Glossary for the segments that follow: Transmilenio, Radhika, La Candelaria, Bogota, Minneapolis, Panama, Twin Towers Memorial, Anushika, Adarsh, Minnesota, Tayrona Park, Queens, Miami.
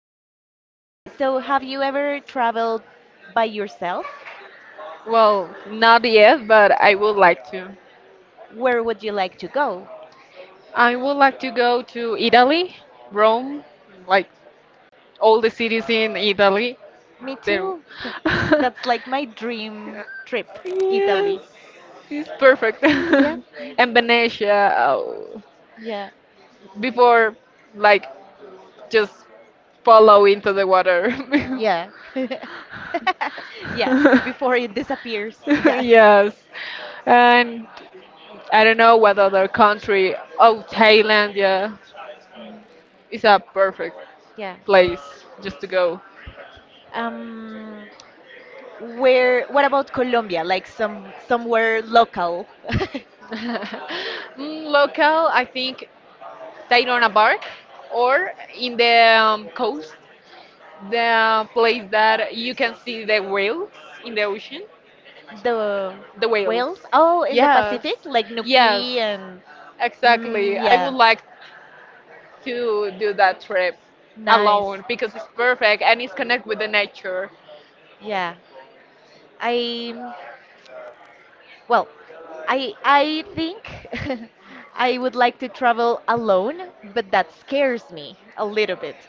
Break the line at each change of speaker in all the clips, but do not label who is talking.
Okay, so have you ever traveled by yourself?
Well, not yet, but I would like to.
Where would you like to go?
I would like to go to Italy, Rome, like all the cities in Italy.
Me
There.
too. That's like my dream trip,
Yes,
Italy.
it's perfect.
Yeah, yeah,
And Venetia, oh,
yeah.
before, like, just follow into the water.
Yeah, Yeah, before it disappears. Yeah.
yes. And I don't know what other country. Oh, Thailand, yeah. It's a perfect
Yeah.
place just to go.
Um, what about Colombia? Like somewhere local.
Local, I think Tayrona Bark or in the coast, the place that you can see the whales in the ocean.
The
The whales.
whales? Oh, in the
Yes,
Pacific, like
yes,
Nuki and
exactly.
Mm,
I would
yeah,
like to do that trip
nice.
alone because it's perfect and it's connected with the nature.
Yeah, I well, I think I would like to travel alone, but that scares me a little bit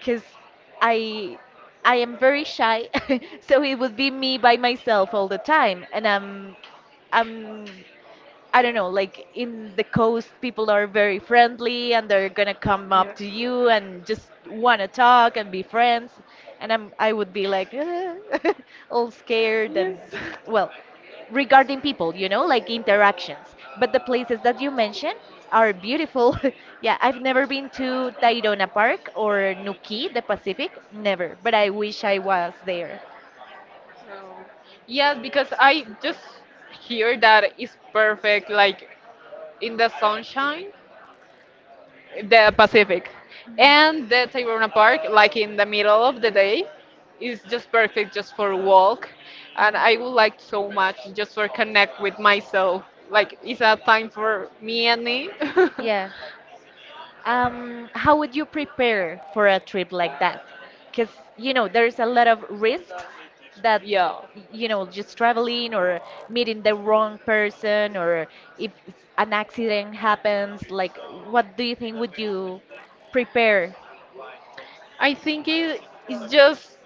because I I am very shy, so it would be me by myself all the time, and I'm I don't know, like in the coast, people are very friendly and they're gonna come up
Yeah.
to you and just wanna talk and be friends. I would be like, all scared
Yes.
and, well, regarding people, you know, like interactions. But the places that you mentioned are beautiful. Yeah, I've never been to Tayrona Park or Nuki, the Pacific, never. But I wish I was there.
So, yes, because I just hear that it's perfect, like in the sunshine, the Pacific, and the Tayrona Park, like in the middle of the day, is just perfect just for walk, and I would like so much just for connect with myself. Like it's a time for me and me.
Yeah. How would you prepare for a trip like that? Because, you know, there's a lot of risks that,
yeah.
y- you know, just traveling or meeting the wrong person or if an accident happens, like, what do you think would you prepare?
I think it is just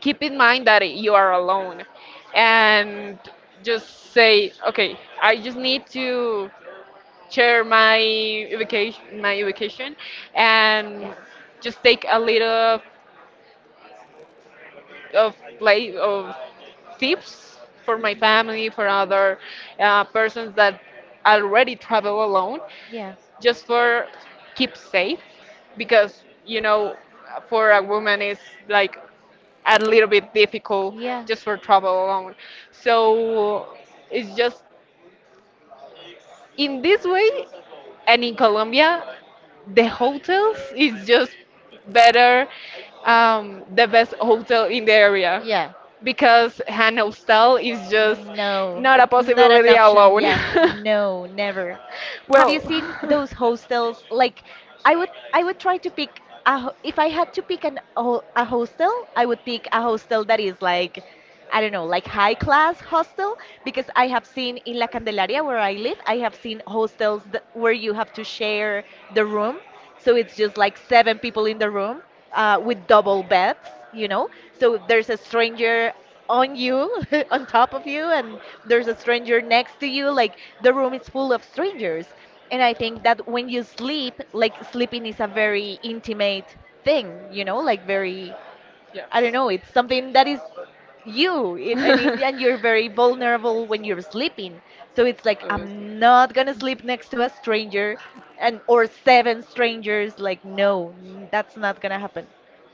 keep in mind that you are alone and just say, okay, I just need to share my vacation,
Yeah.
and just take a little of play of tips for my family, for other persons that already travel alone,
Yeah.
just for keep safe because you know for a woman it's like a little bit difficult
Yeah.
just for travel alone. So it's just in this way, and in Colombia, the hotels is just better, the best hotel in the area
Yeah.
because an hostel is just
No,
not a
it's not an
possibility
option.
alone.
Yeah, no, never. Have you seen
well,
those hostels? Like, I would try to pick a. ho- If I had to pick a hostel, I would pick a hostel that is like, I don't know, like high class hostel. Because I have seen in La Candelaria where I live, I have seen hostels where you have to share the room, so it's just like seven people in the room, with double beds, you know? So there's a stranger on you, on top of you, and there's a stranger next to you. Like the room is full of strangers. And I think that when you sleep, like sleeping is a very intimate thing, you know, like very
yeah.
I don't know, it's something that is you it, and it, and you're very vulnerable when you're sleeping. So it's like
Obviously.
I'm not going to sleep next to a stranger and or seven strangers, like no, that's not going to happen.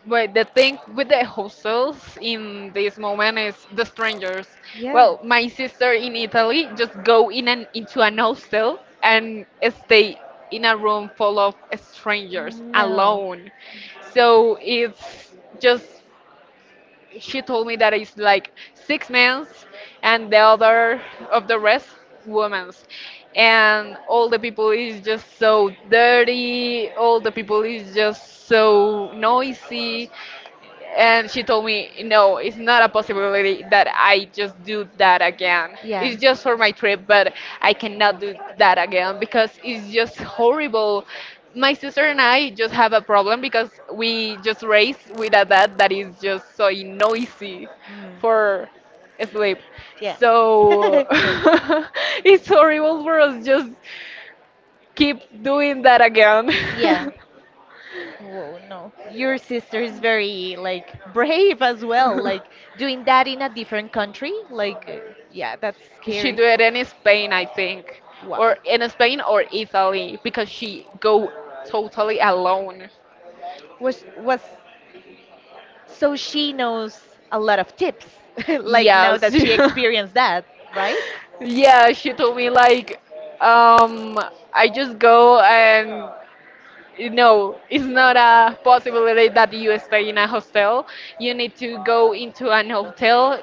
But the thing with the hostels in this moment is the strangers.
Yeah.
Well, my sister in Italy just go in an into an hostel and stay in a room full of strangers
No.
alone. So it's just she told me that it's like six men's and the other of the rest women's, and all the people is just so dirty, all the people is just so noisy, and she told me no, it's not a possibility that I just do that again.
Yeah.
It's just for my trip, but I cannot do that again because it's just horrible. My sister and I just have a problem because we just race with a dad that is just so noisy
Mm.
for sleep,
Yeah.
so
So
it's horrible for us just keep doing that again.
Yeah. Whoa, no. Your sister is very like brave as well, like doing that in a different country. Like, yeah, that's she
She
scary.
do
Do it
it in Spain, I think,
think. Wow.
or in Spain or Italy because she go totally alone.
Was So she knows a lot of tips, like now
Yes.
that she Yeah. experienced that, right?
Yeah, she told me like, um, I just go and no, it's not a possibility that you stay in a hostel. You need to go into an hotel,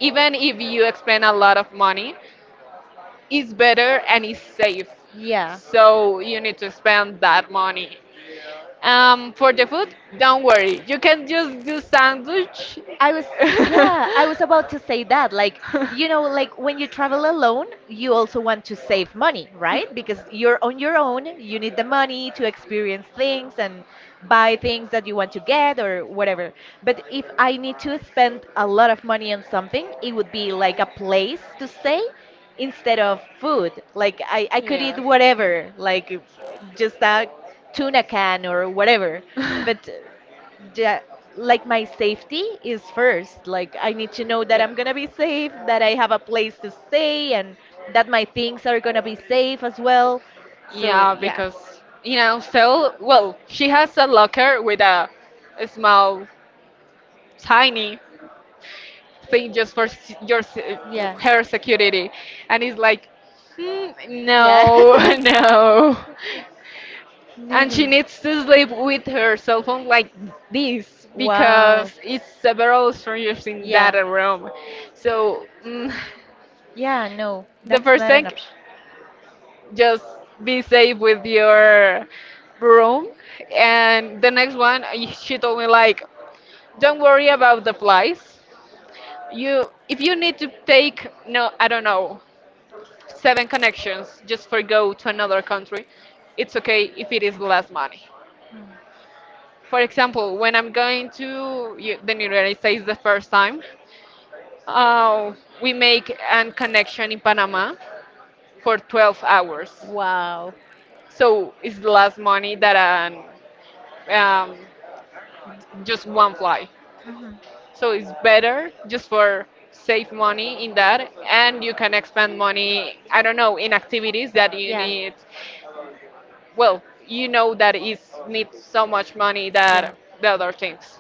even if you spend a lot of money. It's better and it's safe,
Yeah.
so you need to spend that money. For the food, don't worry. You can just do sandwich.
I was, yeah, I was about to say that. Like, you know, like when you travel alone, you also want to save money, right? Because you're on your own, you need the money to experience things and buy things that you want to get or whatever. But if I need to spend a lot of money on something, it would be like a place to stay instead of food. Like, I could eat whatever, like just a tuna can or whatever.
yeah.
But ja- like my safety is first. Like I need to know that
Yeah.
I'm gonna be safe, that I have a place to stay, and that my things are gonna be safe as well. So
Yeah,
yeah,
because you know, so well, she has a locker with a small, tiny thing just for
yeah,
her security, and it's like, hmm,
yeah.
no, no. And she needs to sleep with her cell phone like this
Wow.
because it's several strangers in that
Yeah.
room. So
Yeah, no,
the
that's
first
not an
thing,
option.
just be safe with your room. And the next one, she told me like, don't worry about the flies. You, if you need to take no, I don't know, seven connections just for go to another country, it's okay if it is less money. For example, when I'm going to the United
Mm.
States the first time, uh, we make a connection in Panama for 12 hours.
Wow.
So it's less money than um, um, just one flight.
Mhm.
So it's better just for save money in that, and you can expend money. I don't know in activities that you
Yeah.
need. Well, you know that it needs so much money
Yeah.
that the other things.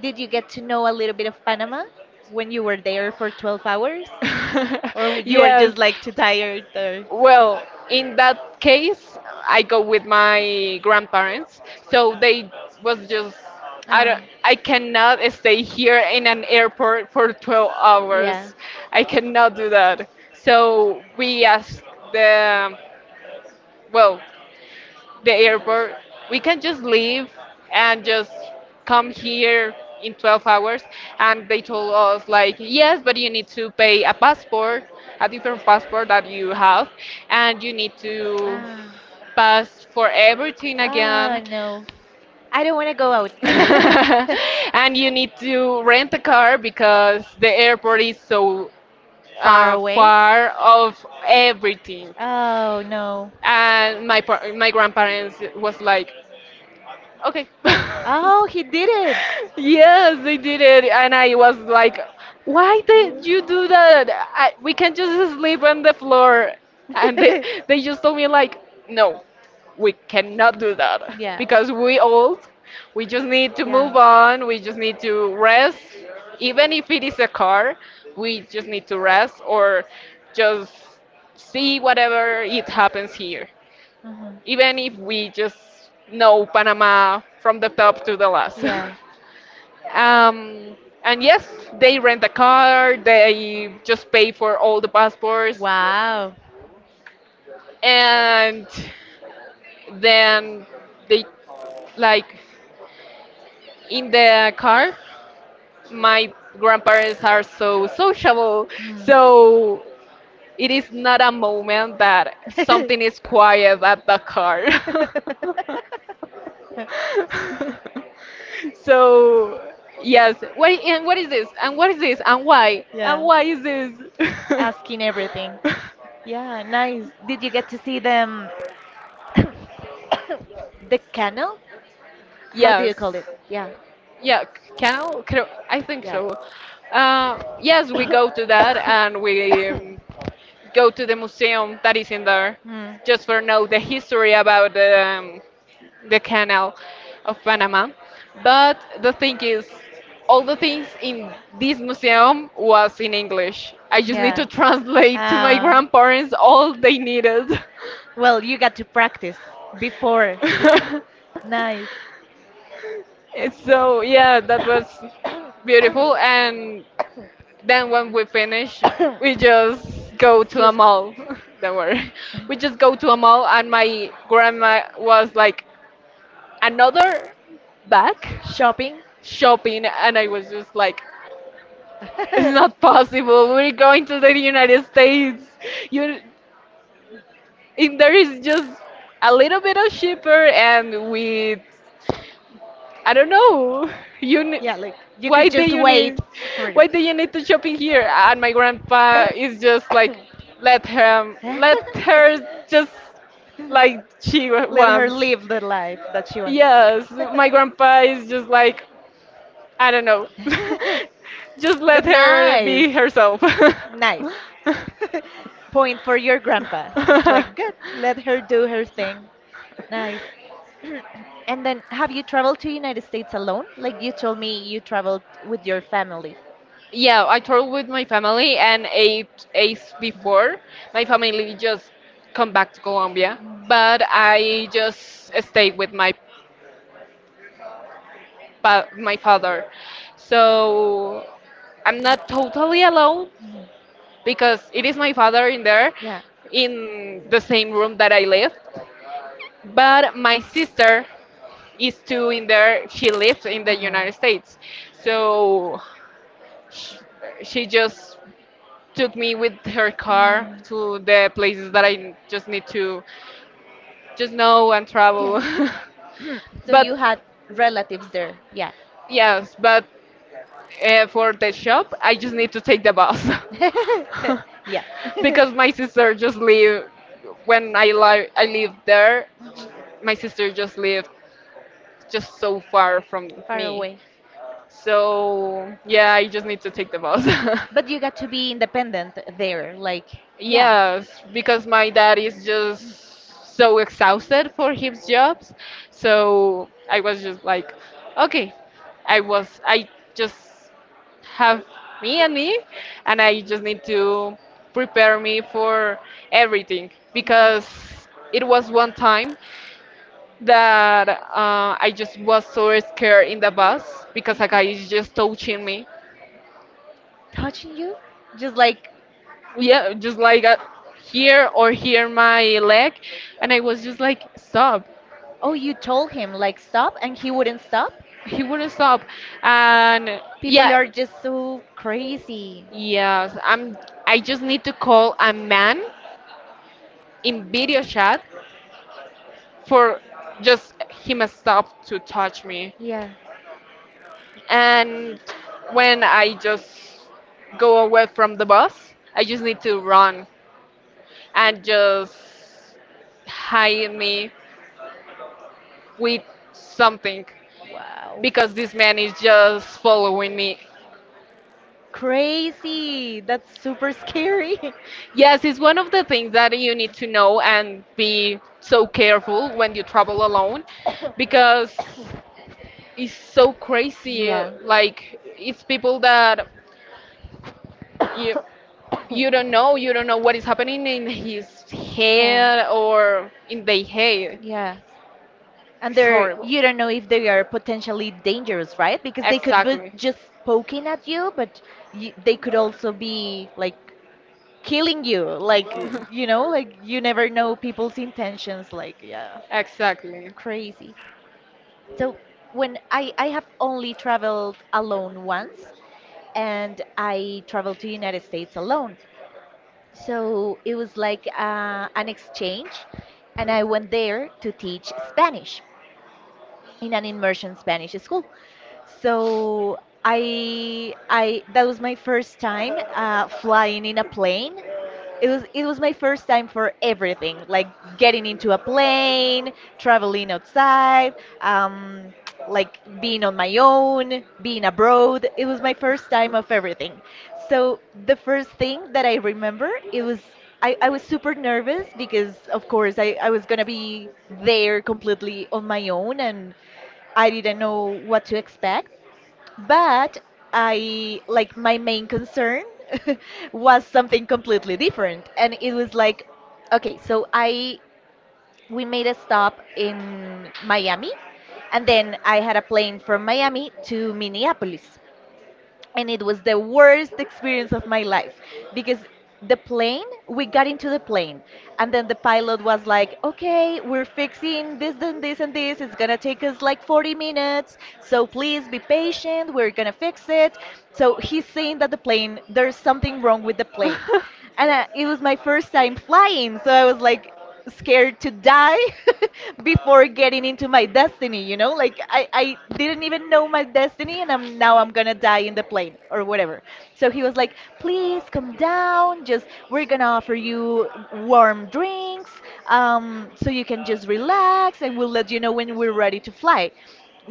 Did you get to know a little bit of Panama when you were there for 12 hours? Or you were
yes.
just like too tired or?
Well, in that case, I go with my grandparents. So they was just I
Ah.
don't I cannot stay here in an airport for 12
Yeah.
hours. I cannot do that. So we asked the well, the airport. We can just leave and just come here in 12 hours. And they told us, like, yes, but you need to pay a passport, a different passport that you have, and you need to
Ah.
pass for everything
Ah,
again.
no. I don't want to go out.
And you need to rent a car because the airport is so
Far away?
far of everything.
Oh, no.
And my my grandparents was like, okay.
Oh, he did
Yes, they did it, and I was like, "Why did you do that? I, we can just sleep on the floor." And
it.
they just told me like, "No, we cannot do that
Yeah.
because we old. We just need to move
Yeah.
on. We just need to rest. Even if it is a car, we just need to rest or just see whatever it happens here.
Mhm.
Even if we just know Panama from the top to the last."
Yeah.
Um, and yes, they rent a car, they just pay for all the passports,
Wow.
and then they like in the car. My grandparents are so sociable,
Hmm.
so it is not a moment that something is quiet at the car. so yes, what and what is this and what is this and
Yeah.
why is this.
Asking everything. Yeah, nice. Did you get to see them the canal? How do you
yes,
call it? Yeah,
yeah, canal I think
yeah.
so. Yes, we go to that, and we go to the museum that is in there
Hmm.
just for know the history about the canal of Panama. But the thing is, all the things in this museum was in English. I just need to
Yeah.
translate to my
Ah.
grandparents all they needed.
Well, you got to practice before. Nice.
And so yeah, that was beautiful. And then when we finish, we just go to a
Excuse me.
mall. Don't worry, we just go to a mall, and my grandma was like, another back
Shopping.
shopping, and I was just like It's not possible. We're going to the United States. You, and there is just a little bit of cheaper, and we, I don't know. You,
Yeah, like you
why
could
do
just
you
wait
need,
for
why do you need to shopping here? And my grandpa is just like, let him, let her just like she
Let her
wants.
live the life that she wants.
Yes, my grandpa is just like, I don't know. Just let
But
her
nice.
be herself.
Nice. Point for your grandpa. It's like, good, let her do her thing. Nice. And then, have you traveled to United States alone? Like you told me you traveled with your family.
yeah, I toured with my family, and eight eighth before my family just come back to Colombia,
Mm.
but I just stayed with my my father, so I'm not totally alone
Mm.
because it is my father in there
Yeah.
in the same room that I live, but my sister is two in there. She lived in the
Ah.
United States, so sh- she just took me with her car
Mm.
to the places that I just need to just know and
Yeah.
travel.
So you
but
had relatives there. Yeah.
yes, but for the shop, I just need to take the bus.
Yeah.
Because my sister just live when I live there.
Mhm.
My sister just lived just so far from
Far
me.
away.
So yeah, I just need to take the bus.
But you got to be independent there. Like, yeah.
Yes, because my dad is just so exhausted for his jobs. So I was just like, okay, I just have me and me, and I just need to prepare me for everything because it was one time that I just was so scared in the bus because a guy is just touching me.
Touching you just like
Yeah, just like here or here my leg, and I was just like, stop.
oh you told him like stop and he wouldn't stop
He wouldn't stop, and
people
yeah,
are just so crazy
yes, I'm. I just need to call a man in video chat for just him stop to touch me.
yeah
And when I just go away from the bus, I just need to run and just hide me with something
wow
because this man is just following me.
crazy that's super scary.
Yes, it's one of the things that you need to know and be so careful when you travel alone because it's so crazy.
Yeah.
Like, it's people that you you don't know, you don't know what is happening in his
Yeah.
head or in their head.
Yeah. And
It's
they're
horrible.
you don't know if they are potentially dangerous, right? Because they could be
Exactly.
just poking at you, but y they could also be like killing you. Like, you know, like you never know people's intentions. Like, yeah, crazy. So when I have only traveled alone once, and I traveled to United States alone. So it was like an exchange, and I went there to teach Spanish in an immersion Spanish school. So I that was my first time flying in a plane, it was my first time for everything, like getting into a plane, traveling outside, um, like being on my own, being abroad. It was my first time of everything. So the first thing that I remember, it was I was super nervous because of course I was gonna be there completely on my own and I didn't know what to expect. But I like my main concern was something completely different. And it was like, okay, so I we made a stop in Miami and then I had a plane from Miami to Minneapolis, and it was the worst experience of my life because the plane we got into the plane, and then the pilot was like, okay, we're fixing this and this and this, it's gonna
Exactly.
take us like 40 minutes, so please be patient, we're gonna fix it. So he's saying that there's something wrong with the plane, and it was my first time flying, so I was like scared
I'm
to die before getting into my destiny, you know, like I didn't even know my destiny, and I'm now I'm gonna die in the plane or whatever. So he was like, please come down, just we're gonna offer you warm drinks, so you can just relax and we'll let you know when we're ready to fly.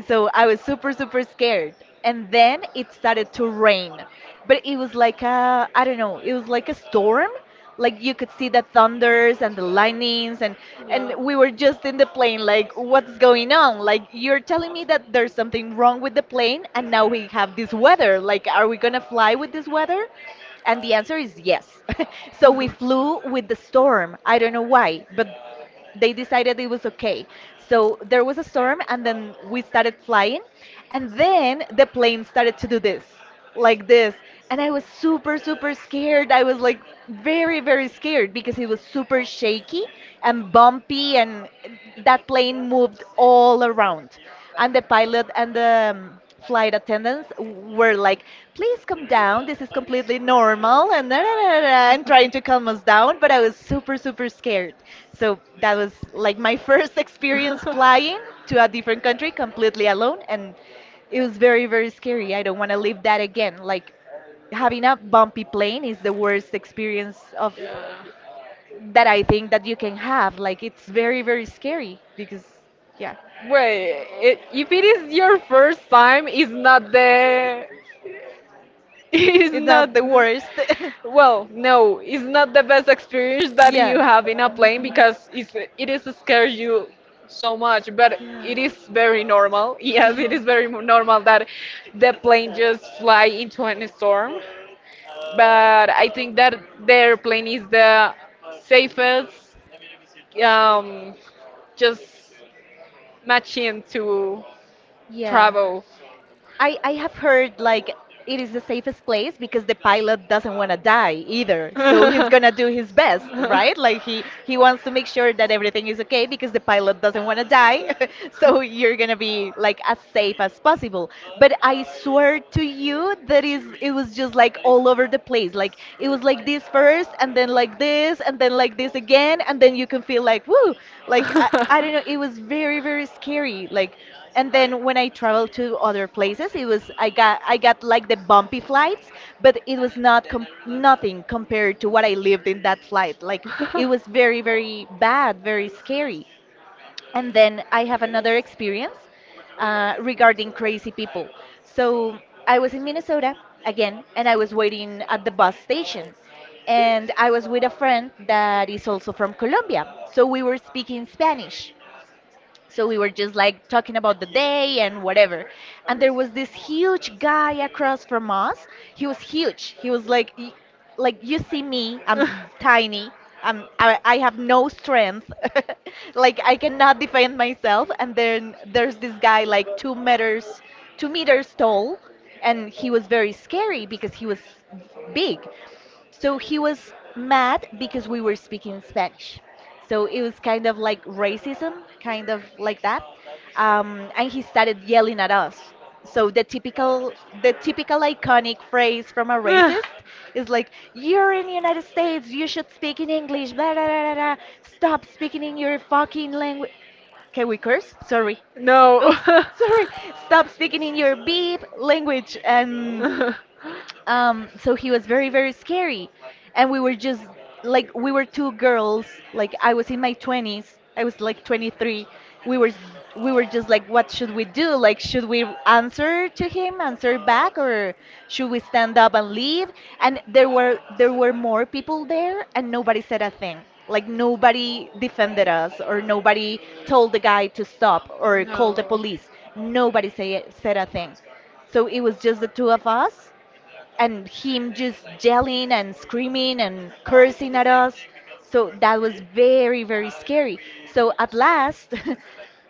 So I was super, super scared. And then it started to rain. But it was like a, I don't know, it was like a storm. Like you could see the thunders and the lightnings and we were just in the plane like what's going on? Like you're telling me that there's something wrong with the plane and now we have this weather. Like are we going to fly with this weather? And the answer is yes. So we flew with the storm. I don't know why, but they decided it was okay. So there was a storm, and then we started flying, and then the plane started to do this, like this, and I was super, super scared. I was like very, very scared because it was super shaky and bumpy, and that plane moved all around, and the pilot and the flight attendants were like, please come down. This is completely normal. And, da, da, da, da, da, and trying to calm us down. But I was super, super scared. So that was like my first experience flying to a different country completely alone. And it was very, very scary. I don't want to live that again. Like having a bumpy plane is the worst experience of that I think that you can have. Like it's very, very scary because, yeah,
Wait, if it is your first time, it's not the. It's
it's
not.
not the worst.
Well, no, it's not the best experience that you
Yeah.
have in a plane
Mhm.
because it is scares you so much, but
Yeah.
it is very normal. Yes, it
Yeah.
is very normal that the plane just fly into a storm, but I think that the airplane is the safest um, just matching to
Yeah.
travel.
I have heard like it is the safest place because the pilot doesn't want to die either. So he's going to do his best, right? Like he wants to make sure that everything is okay because the pilot doesn't want to die. So you're going to be like as safe as possible. But I swear to you that is it was just like all over the place. Like it was like this first and then like this and then like this again and then you can feel like woo. Like I don't know, it was very very scary. Like and then when I traveled to other places, it was I got like the bumpy flights, but it was not nothing compared to what I lived in that flight. Like it was very very bad, very scary. And then I have another experience regarding crazy people. So I was in Minnesota again, and I was waiting at the bus station, and I was with a friend that is also from Colombia. So we were speaking Spanish. So we were just like talking about the day and whatever. And there was this huge guy across from us. He was huge. He was like, like you see me, I'm tiny. I have no strength. Like I cannot defend myself. And then there's this guy like 2 meters, 2 meters tall, and he was very scary because he was big. So he was mad because we were speaking Spanish. So it was kind of like racism, kind of like that. And he started yelling at us. So the typical iconic phrase from a racist is like, "You're in the United States. You should speak in English. Blah, blah, blah, blah, blah. Stop speaking in your fucking language." Can we curse? Sorry.
no.
Oops.
Stop.
Sorry. Stop speaking in your beep language, and so he was very, very scary. And we were just like, we were two girls. Like, I was in my 20s. I was like 23. We were, we were just like, what should we do? Like, should we answer to him, answer back, or should we stand up and leave? And there were more people there, and nobody said a thing. Like, nobody defended us, or nobody told the guy to stop, or call the police. Said a thing. So it was just the two of us, and him just yelling and screaming and cursing at us. So that was very, very scary. So at last,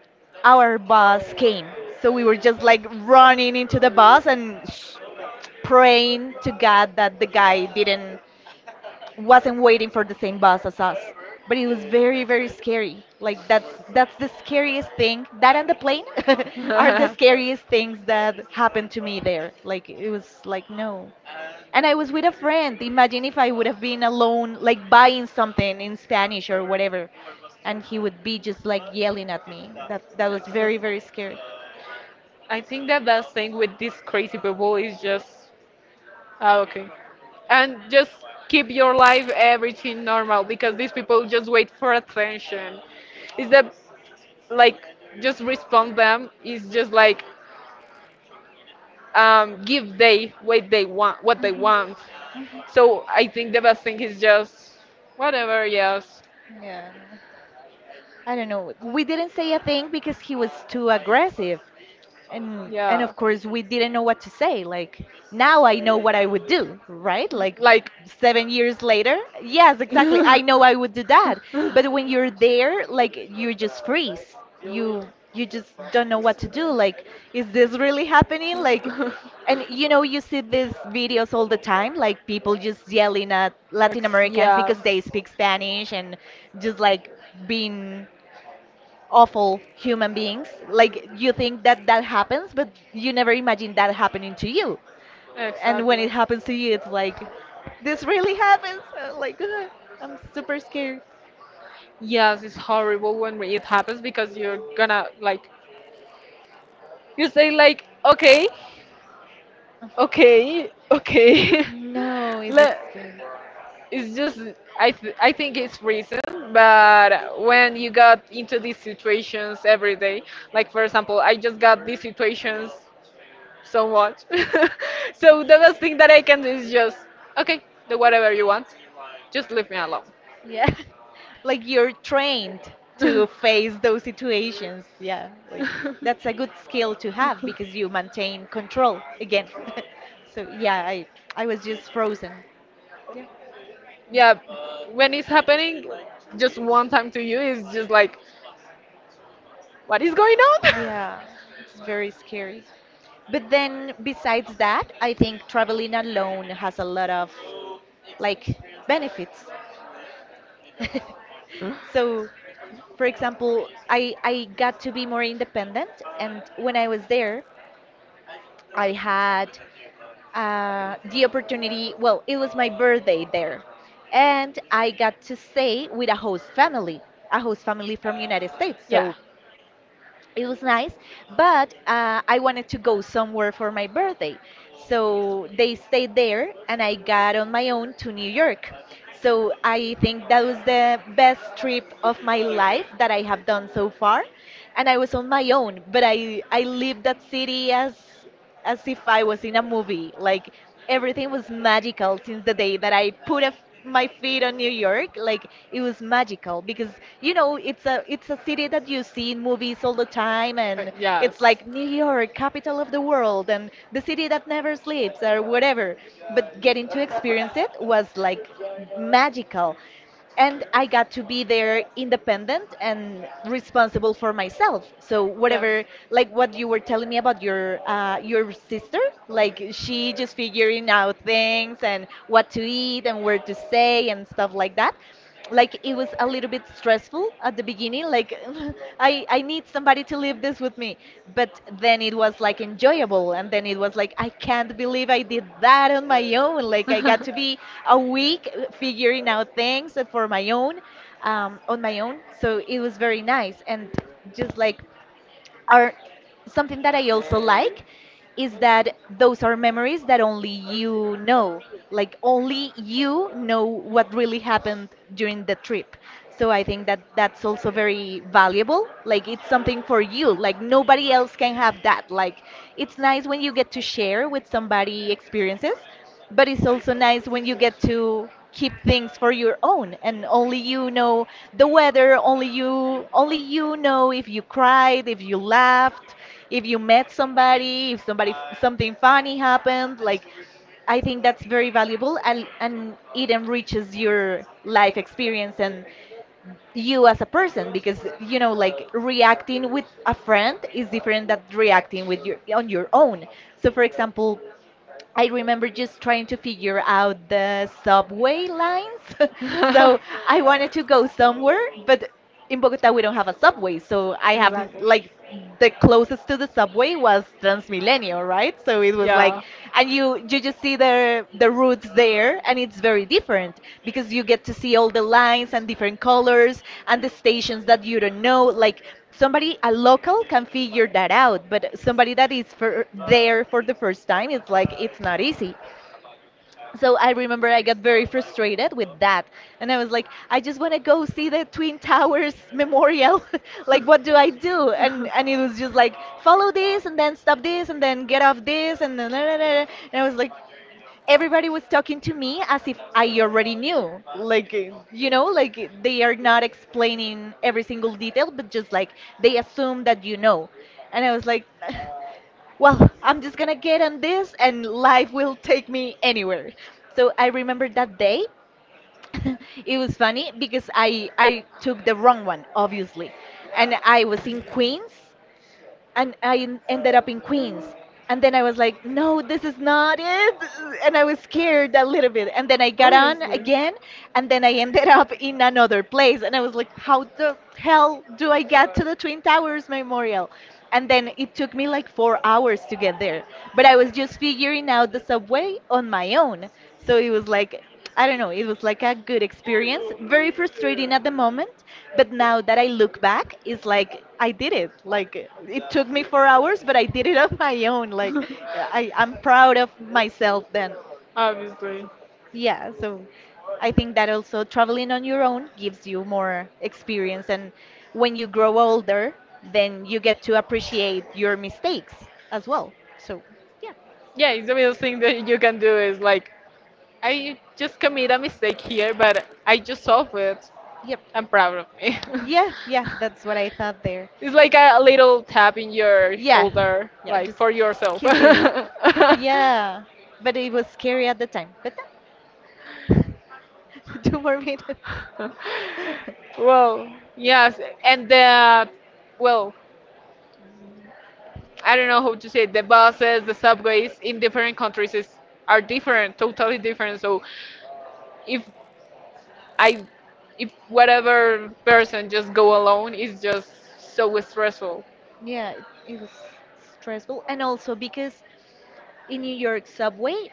our bus came. So we were just like running into the bus and praying to God that the guy didn't wasn't waiting for the same bus as us. But it was very, very scary. Like that's the scariest thing. That and the plane are the scariest things that happened to me there. Like it was like no. And I was with a friend. Imagine if I would have been alone, like buying something in Spanish or whatever, and he would be just like yelling at me. That was very,
Excellent.
very scary.
I think the best thing with these crazy people is just, ah, okay, and just keep your life everything normal because these people just wait for attention. Is that like just respond them? Is just like give they what they want, what they want, so I think the best thing is just whatever. Yes,
Yeah. I don't know. We didn't say a thing because he was too aggressive. And
yeah,
of course we didn't know what to say, like now I know what I would do, right? Like
like
seven years later, yes, exactly, I
Ex-
know I would do that. But when you're there, like you just freeze. You just don't know what to do, like is this really happening? Like, and you know you see these videos all the time, like people just yelling at Latin Americans
yeah,
because they speak Spanish and just like being awful human beings. Like you think that that happens, but you never imagine that happening to you. And
exactly.
when it happens to you, it's like, this really happens. Like, I'm super scared.
Yes, it's horrible when it happens because you're gonna like you say like okay,
Ugh.
okay, okay.
No, it was
Le-
scary.
it's just I think it's reason, but when you got into these situations every day, like for example, I just got these situations so much. So the best thing that I can do is just okay, do whatever you want. Just leave me alone.
Yeah. Like you're trained to face those situations. Yeah. Like that's a good skill to have because you maintain control again. So yeah, I was just frozen. Yeah.
yeah, when it's happening just one time to you, it's just like, what is going on?
Yeah, it's very scary. But then, besides that, I think traveling alone has a lot of like benefits. So, for example, I got to be more independent, and when I was there, I had the opportunity. Well, it was my birthday there, and I got to stay with a host family from United States.
yeah.
So it was nice, but I wanted to go somewhere for my birthday, so they stayed there and I got on my own to New York. So I think that was the best trip of my life that I have done so far. And I was on my own, but I lived that city as if I was in a movie. Like everything was magical since the day that I put a f my feet on New York. Like it was magical because you know it's a city that you see in movies all the time, and it's like New York, capital of the world, and the city that never sleeps or whatever. But getting to experience it was like magical, and I got to be there independent and responsible for myself. So whatever, like what you were telling me about your sister, like she just figuring out things and what to eat and where to stay and stuff like that. Like it was a little bit stressful at the beginning, like I need somebody to live this with me. But then it was like enjoyable, and then it was like I can't believe I did that on my own. Like I got to be a week figuring out things for my own, on my own. So it was very nice and just like are something that I also like is that those are memories that only you know. Like only you know what really happened during the trip. So I think that that's also very valuable. Like it's something for you. Like nobody else can have that. Like it's nice when you get to share with somebody experiences, but it's also nice when you get to keep things for your own and only you know the weather, only you, only you know if you cried, if you laughed, if you met somebody, if somebody something funny happened. Like I think that's very valuable, and it enriches your life experience and you as a person because you know like reacting with a friend is different than reacting with your on your own. So for example, I remember just trying to figure out the subway lines. So I wanted to go somewhere, but in Bogota we don't have a subway, so I have
Exactly.
like the closest to the subway was Transmilenio, right? So it was like,
Yeah.
and you just see the roots there, and it's very different because you get to see all the lines and different colors and the stations that you don't know. Like somebody a local can figure that out, but somebody that is for there for the first time, it's like it's not easy. So I remember I got very frustrated with that, and I was like I just want to go see the twin towers memorial. Like what do I do? And it was just like follow this and then stop this and then get off this and then, and I was like everybody was talking to me as if I already knew. Like, you know, like they are not explaining every single detail, but just like they assume that you know. And I was like, well, I'm just gonna get on this and life will take me anywhere. So I remember that day. It was funny because I took the wrong one, obviously. And I was in Queens, and I ended up in Queens. And then I was like, no, this is not it. And I was scared a little bit. And then I got on again, and then I ended up in another place. And I was like, how the hell do I get to the Twin Towers Memorial? And then it took me like 4 hours to get there. But I was just figuring out the subway on my own. So it was like, I don't know, it was like a good experience. Very frustrating at the moment, but now that I look back, it's like I did it. Like it took me 4 hours, but I did it on my own. Like
Obviously.
I'm proud of myself then.
Obviously.
Yeah, so I think that also traveling on your own gives you more experience. And when you grow older, then you get to appreciate your mistakes as well. So, yeah,
Yeah, it's the best thing that you can do is like, I just commit a mistake here, but I just solved it.
yep.
I'm proud of me.
Yeah, yeah, that's what I thought there.
It's like a little tap in your
Yeah,
shoulder,
yeah,
like
just
for yourself.
kiss yourself. Yeah, but it was scary at the time. But now, two more minutes.
Well, yes, well, I don't know how to say it, the buses, the subways in different countries are different, totally different. So if I if whatever person just go alone is just so stressful.
Yeah, it was stressful. And also because in New York subway,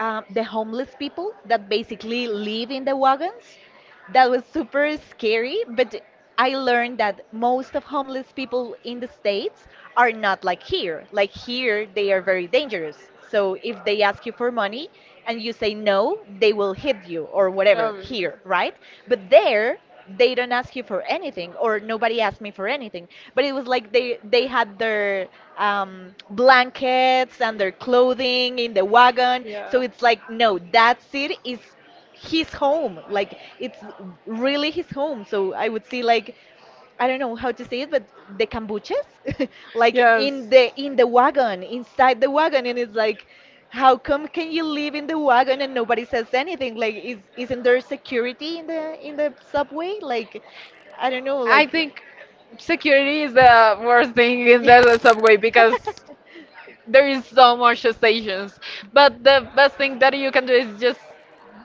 the homeless people that basically live in the wagons. That was super scary, but I learned that most of homeless people in the States are not like here. Like here, they are very dangerous. So if they ask you for money and you say no, they will hit you or whatever here, right? But there, they don't ask you for anything, or nobody asked me for anything, but it was like they had their blankets and their clothing in the wagon. So it's like no, that city is his home. Like it's really his home. So I would see like I don't know how to say it, but the kombuchas, like in the wagon, inside the wagon, and it's like, how come can you live in the wagon and nobody says anything? Like, is isn't there security in the subway? Like, I don't know, like.
Think security is the worst thing in
Yeah.
the subway because there is so much stations, but the best thing that you can do is just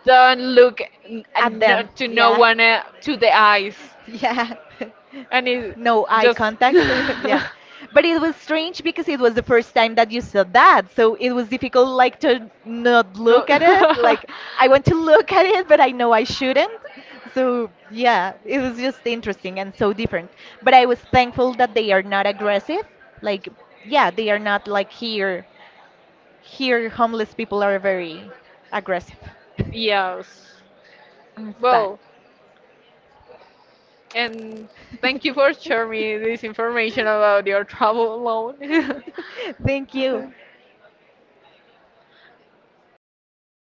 don't look n- and
At
no-
them,
to no
yeah.
one to the eyes,
Yeah.
and it
No eye
just
contact. Yeah. But it was strange because it was the first time that you saw that. So it was difficult like to not
no
look at it. Like I want to look at it, but I know I shouldn't. So yeah, it was just interesting and so different. But I was thankful that they are not aggressive. Like yeah, they are not like here. Here homeless people are very aggressive.
yes.
It's bad.
Well, and thank you for sharing me this information about your travel alone.
Thank you.